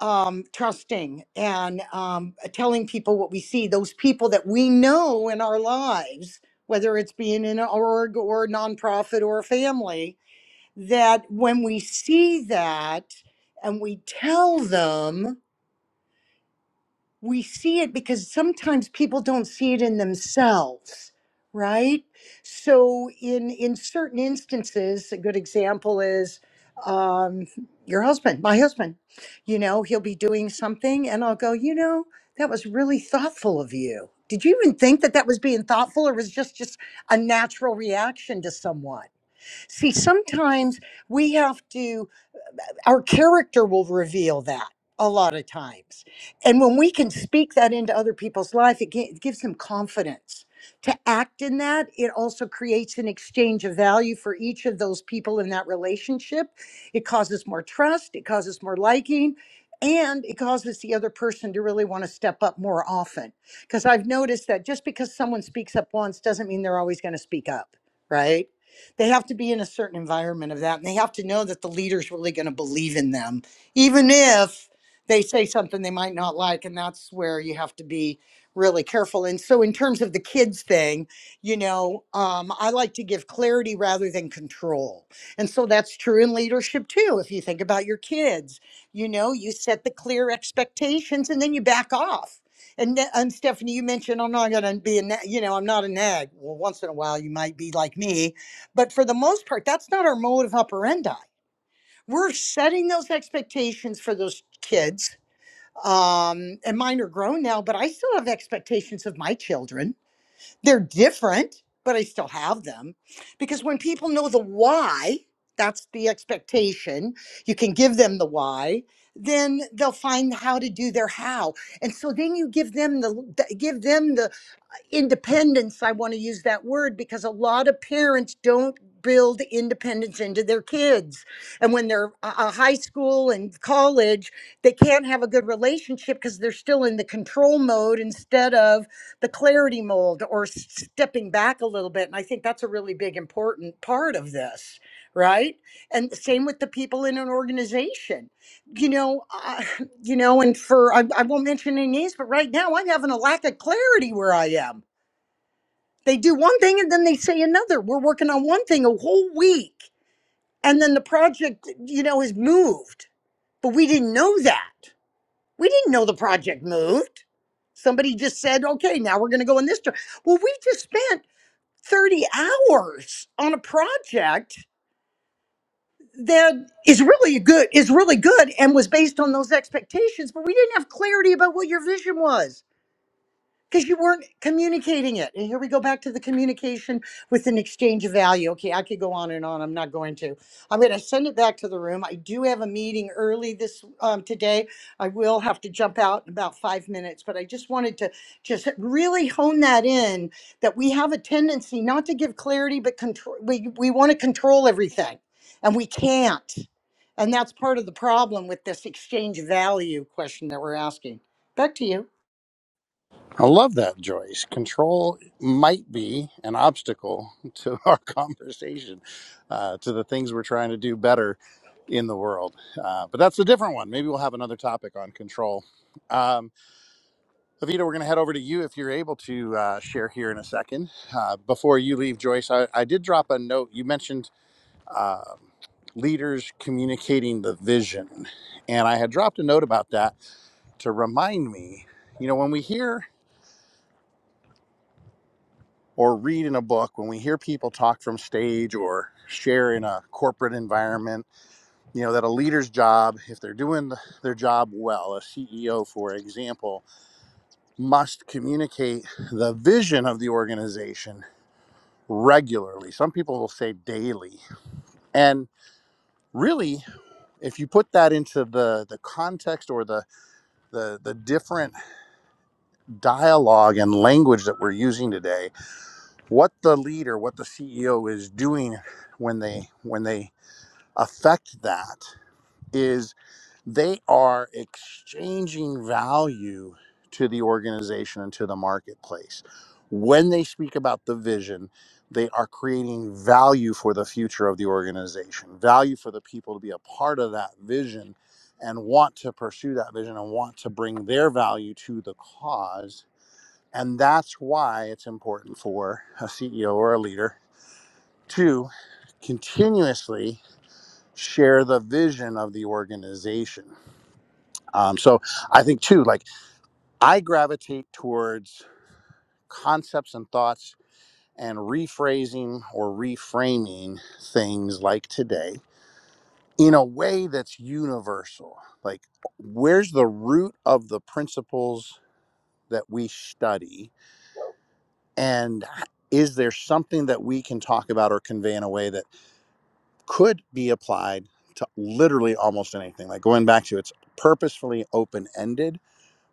[SPEAKER 4] um, trusting and um, telling people what we see, those people that we know in our lives, whether it's being in an org or a nonprofit or a family, that when we see that and we tell them, we see it because sometimes people don't see it in themselves right so in in certain instances a good example is um your husband my husband you know he'll be doing something and i'll go you know that was really thoughtful of you did you even think that that was being thoughtful or was just just a natural reaction to someone see sometimes we have to our character will reveal that a lot of times. And when we can speak that into other people's life, it, gi- it gives them confidence to act in that. It also creates an exchange of value for each of those people in that relationship. It causes more trust, it causes more liking. And it causes the other person to really want to step up more often. Because I've noticed that just because someone speaks up once doesn't mean they're always going to speak up, right? they have to be in a certain environment of that and they have to know that the leader's really going to believe in them even if they say something they might not like and that's where you have to be really careful and so in terms of the kids thing you know um, i like to give clarity rather than control and so that's true in leadership too if you think about your kids you know you set the clear expectations and then you back off and, ne- and Stephanie, you mentioned I'm not going to be a, na- you know, I'm not a nag. Well, once in a while you might be like me, but for the most part, that's not our mode of operandi. We're setting those expectations for those kids. Um, and mine are grown now, but I still have expectations of my children. They're different, but I still have them because when people know the why, that's the expectation, you can give them the why, then they'll find how to do their how. And so then you give them the give them the independence i want to use that word because a lot of parents don't build independence into their kids and when they're a a high school and college they can't have a good relationship because they're still in the control mode instead of the clarity mold or s- stepping back a little bit and i think that's a really big important part of this right and same with the people in an organization you know uh, you know and for I, I won't mention any names but right now i'm having a lack of clarity where i am they do one thing and then they say another. We're working on one thing a whole week and then the project, you know, has moved. But we didn't know that. We didn't know the project moved. Somebody just said, okay, now we're going to go in this. dir-" Well, we've just spent 30 hours on a project that is really good, is really good and was based on those expectations, but we didn't have clarity about what your vision was. because you weren't communicating it. And here we go back to the communication with an exchange of value. Okay, I could go on and on. I'm not going to. I'm going to send it back to the room. I do have a meeting early this um, today. I will have to jump out in about five minutes, but I just wanted to just really hone that in that we have a tendency not to give clarity, but control. We we want to control everything, and we can't. And that's part of the problem with this exchange value question that we're asking. Back to you.
[SPEAKER 1] I love that, Joyce. Control might be an obstacle to [laughs] our conversation, uh, to the things we're trying to do better in the world. Uh, but that's a different one. Maybe we'll have another topic on control. Um, Avita, we're going to head over to you if you're able to uh, share here in a second. Uh, before you leave, Joyce, I, I did drop a note. You mentioned um leaders communicating the vision, and I had dropped a note about that to remind me. You know, when we hear or read in a book, when we hear people talk from stage or share in a corporate environment, you know, that a leader's job, if they're doing their job well, a CEO, for example, must communicate the vision of the organization regularly. Some people will say daily. And really, if you put that into the, the context or the, the, the different dialogue and language that we're using today, what the leader, what the CEO is doing when they when they affect that is they are exchanging value to the organization and to the marketplace. When they speak about the vision, they are creating value for the future of the organization, value for the people to be a part of that vision and want to pursue that vision and want to bring their value to the cause. And that's why it's important for a CEO or a leader to continuously share the vision of the organization. Um, so I think too, like I gravitate towards concepts and thoughts and rephrasing or reframing things like today in a way that's universal. Like, where's the root of the principles that we study? And is there something that we can talk about or convey in a way that could be applied to literally almost anything. Like going back to it's purposefully open ended,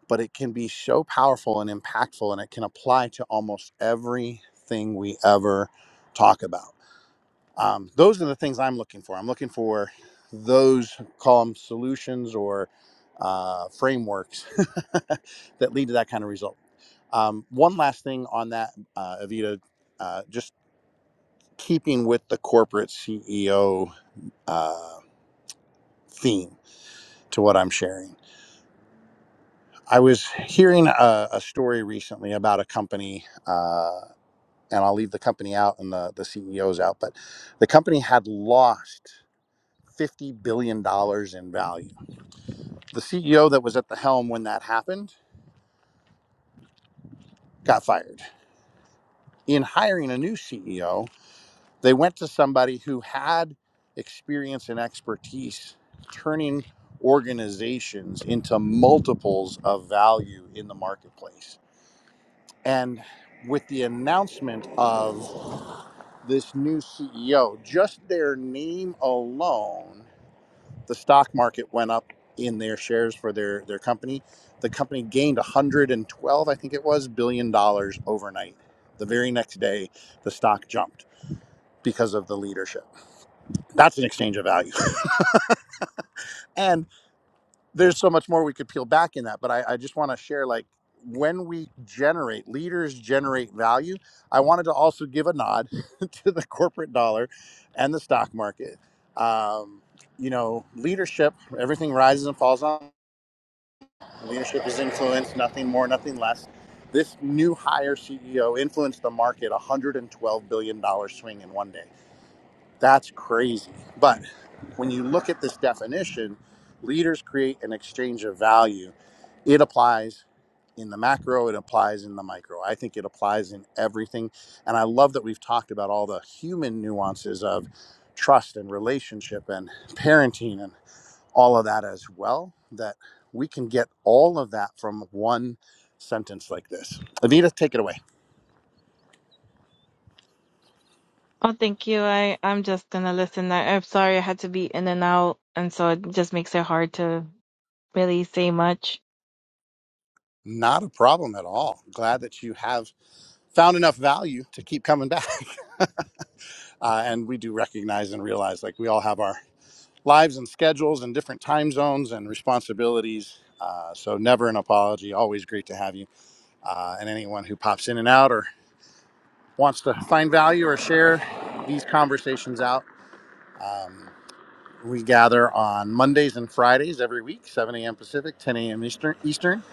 [SPEAKER 1] but it can be so powerful and impactful, and it can apply to almost everything we ever talk about. Um, those are the things I'm looking for. I'm looking for those call them solutions or uh, frameworks [laughs] that lead to that kind of result. Um, one last thing on that, uh, Evita, uh, just keeping with the corporate CEO theme to what I'm sharing. I was hearing a, a story recently about a company, uh, and I'll leave the company out and the, the CEOs out, but the company had lost $50 billion dollars in value. The CEO that was at the helm when that happened got fired. In hiring a new CEO, they went to somebody who had experience and expertise turning organizations into multiples of value in the marketplace And with the announcement of this new CEO, just their name alone, the stock market went up in their shares for their, their company. The company gained 112, I think it was, billion dollars overnight. The very next day, the stock jumped because of the leadership. That's an exchange of value. [laughs] and. there's so much more we could peel back in that but i, I just want to share like when we generate leaders generate value i wanted to also give a nod [laughs] to the corporate dollar and the stock market um, you know leadership everything rises and falls on leadership is influence nothing more nothing less this new hire ceo influenced the market $112 billion dollars swing in one day that's crazy but when you look at this definition, leaders create an exchange of value. It applies in the macro, it applies in the micro. I think it applies in everything. And I love that we've talked about all the human nuances of trust and relationship and parenting and all of that as well, that we can get all of that from one sentence like this. Anita, take it away.
[SPEAKER 2] Oh, thank you. I I'm just gonna listen. I, I'm sorry I had to be in and out, and so it just makes it hard to really say much.
[SPEAKER 1] Not a problem at all. Glad that you have found enough value to keep coming back. [laughs] uh, and we do recognize and realize like we all have our lives and schedules and different time zones and responsibilities uh, so never an apology always great to have you uh, and anyone who pops in and out or wants to find value or share these conversations out um, we gather on mondays and fridays every week 7 a.m pacific 10 a.m eastern eastern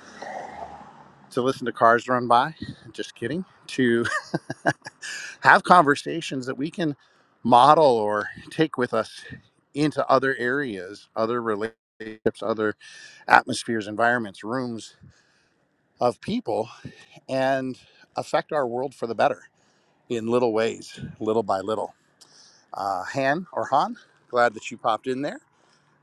[SPEAKER 1] to listen to cars run by just kidding To. have conversations that we can model or take with us into other areas, other relationships, other atmospheres, environments, rooms of people, and affect our world for the better in little ways, little by little. Uh, Han or Han, glad that you popped in there.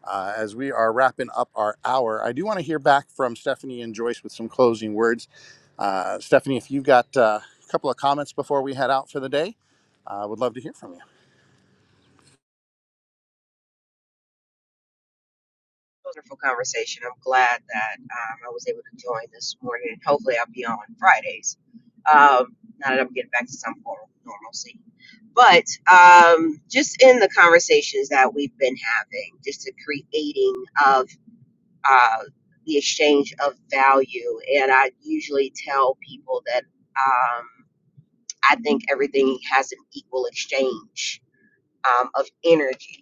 [SPEAKER 1] Uh, as we are wrapping up our hour, I do want to hear back from Stephanie and Joyce with some closing words. Uh, Stephanie, if you've got uh, a couple of comments before we head out for the day, I uh, would love to hear from you.
[SPEAKER 3] Wonderful conversation. I'm glad that um, I was able to join this morning, and hopefully I'll be on Fridays. Um, now that I'm getting back to some form of normalcy, but um, just in the conversations that we've been having, just the creating of uh, the exchange of value, and I usually tell people that um, I think everything has an equal exchange um, of energy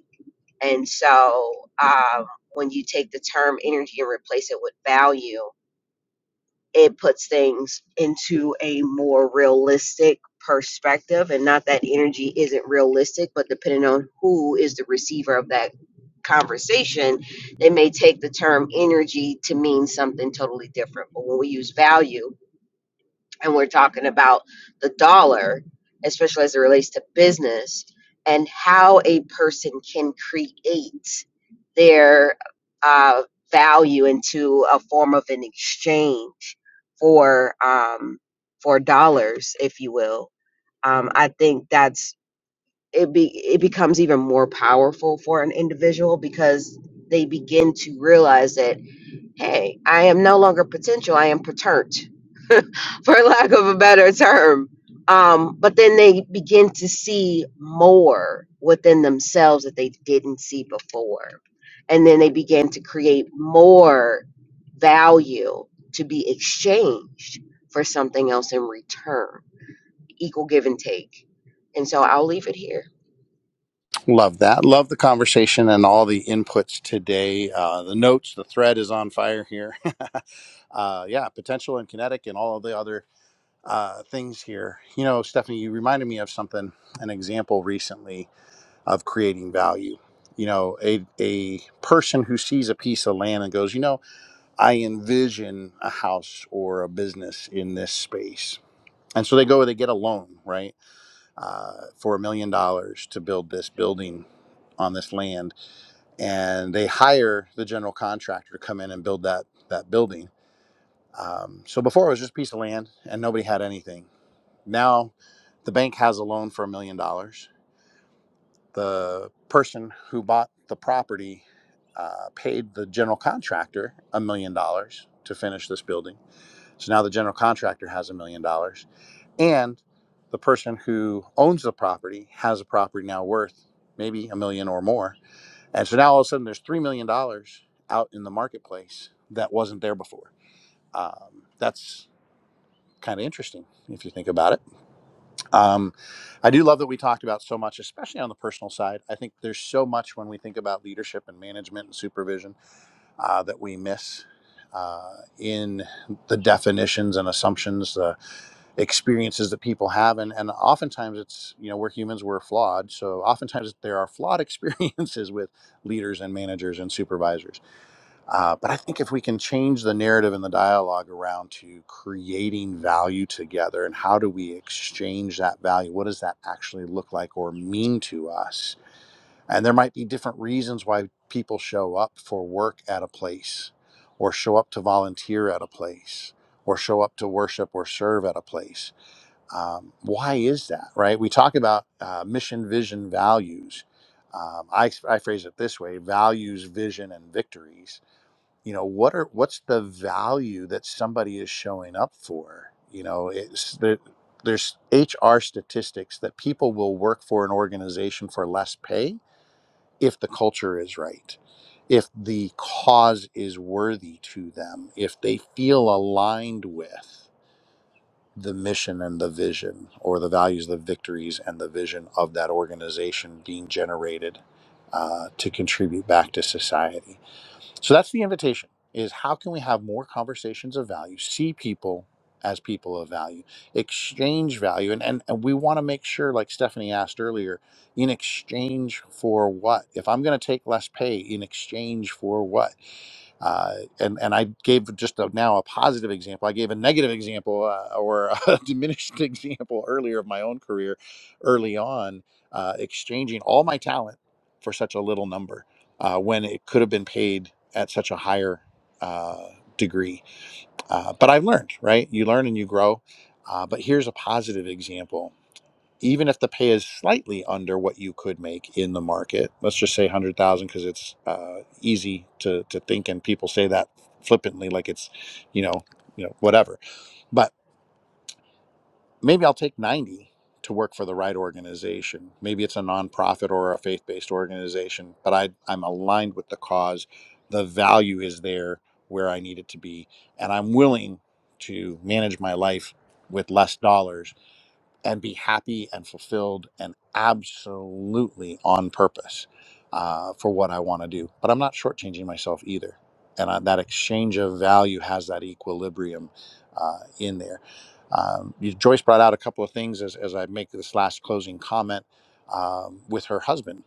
[SPEAKER 3] and so um, when you take the term energy and replace it with value, it puts things into a more realistic perspective. And not that energy isn't realistic, but depending on who is the receiver of that conversation, they may take the term energy to mean something totally different. But when we use value, and we're talking about the dollar, especially as it relates to business and how a person can create their uh, value into a form of an exchange for um, for dollars, if you will. Um, I think that's it. Be it becomes even more powerful for an individual because they begin to realize that hey, I am no longer potential; I am perturned for lack of a better term. Um, but then they begin to see more within themselves that they didn't see before. And then they begin to create more value to be exchanged for something else in return, equal give and take. And so I'll leave it here.
[SPEAKER 1] Love that. Love the conversation and all the inputs today. Uh, the notes, the thread is on fire here. [laughs] uh, yeah, potential and kinetic and all of the other uh, things here. You know, Stephanie, you reminded me of something, an example recently of creating value. You know, a, a person who sees a piece of land and goes, you know, I envision a house or a business in this space. And so they go, they get a loan, right, uh, for a million dollars to build this building on this land and they hire the general contractor to come in and build that that building. Um, so before it was just a piece of land and nobody had anything. Now the bank has a loan for a million dollars. The person who bought the property uh, paid the general contractor a million dollars to finish this building. So now the general contractor has a million dollars and the person who owns the property has a property now worth maybe a million or more and so now all of a sudden there's $3 million dollars out in the marketplace that wasn't there before. Um, that's kind of interesting if you think about it. Um, I do love that we talked about so much, especially on the personal side. I think there's so much when we think about leadership and management and supervision uh, that we miss. Uh, in the definitions and assumptions, the experiences that people have, and and oftentimes it's you know we're humans, we're flawed, so oftentimes there are flawed [laughs] experiences with leaders and managers and supervisors uh, but I think if we can change the narrative and the dialogue around to creating value together and how do we exchange that value? What does that actually look like or mean to us? And there might be different reasons why people show up for work at a place or show up to volunteer at a place or show up to worship or serve at a place. Um, why is that, right? We talk about uh, mission, vision, values. Um, I, I phrase it this way values, vision, and victories you know what are what's the value that somebody is showing up for you know it's there, there's hr statistics that people will work for an organization for less pay if the culture is right if the cause is worthy to them if they feel aligned with the mission and the vision or the values the victories and the vision of that organization being generated uh, to contribute back to society so that's the invitation is how can we have more conversations of value, see people as people of value, exchange value. And, and, and we want to make sure, like Stephanie asked earlier, in exchange for what? If I'm going to take less pay, in exchange for what? uh, and and I gave just a, now a positive example. I gave a negative example uh, or a [laughs] diminished example earlier of my own career, early on, uh, exchanging all my talent for such a little number uh, when it could have been paid at such a higher uh, degree. Uh, but I've learned, right? You learn and you grow. Uh, but here's a positive example even if the pay is slightly under what you could make in the market, let's just say 100,000 because it's uh, easy to, to think and people say that flippantly like it's, you know, you know, whatever. But maybe I'll take 90 to work for the right organization. Maybe it's a nonprofit or a faith-based organization, but I I'm aligned with the cause. The value is there where I need it to be and I'm willing to manage my life with less dollars and be happy and fulfilled and absolutely on purpose uh, for what I want to do. But I'm not shortchanging myself either. And I, that exchange of value has that equilibrium uh, in there. Um, you- Joyce brought out a couple of things as, as I make this last closing comment um, with her husband.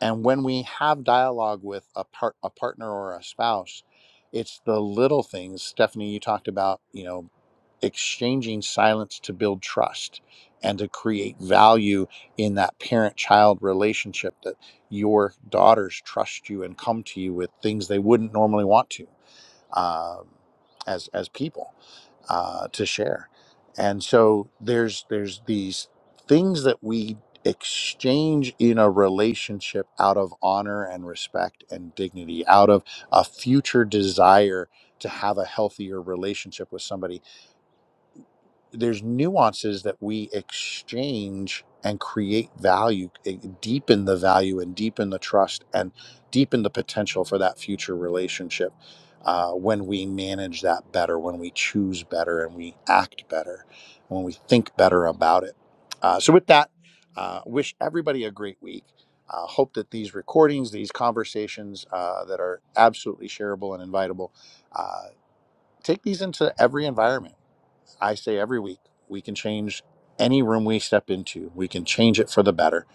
[SPEAKER 1] And when we have dialogue with a, part, a partner or a spouse, it's the little things. Stephanie, you talked about, you know, exchanging silence to build trust and to create value in that parent child relationship that your daughters trust you and come to you with things they wouldn't normally want to um, as as people uh, to share and so there's there's these things that we exchange in a relationship out of honor and respect and dignity out of a future desire to have a healthier relationship with somebody there's nuances that we exchange and create value eh, deepen the value and deepen the trust and deepen the potential for that future relationship uh, when we manage that better when we choose better and we act better when we think better about it uh, so with that uh, wish everybody a great week uh, hope that these recordings these conversations uh, that are absolutely shareable and invitable uh, take these into every environment I say every week, we can change any room we step into. We can change it for the better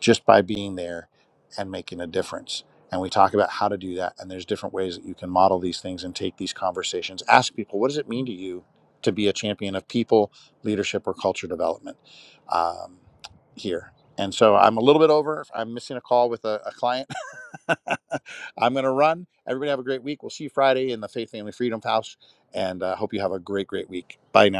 [SPEAKER 1] just by being there and making a difference. And we talk about how to do that. And there's different ways that you can model these things and take these conversations. Ask people, what does it mean to you to be a champion of people, leadership, or culture development um, here? And so I'm a little bit over. I'm missing a call with a, a client. [laughs] I'm going to run. Everybody have a great week. We'll see you Friday in the Faith Family Freedom House. And uh, hope you have a great, great week. Bye now.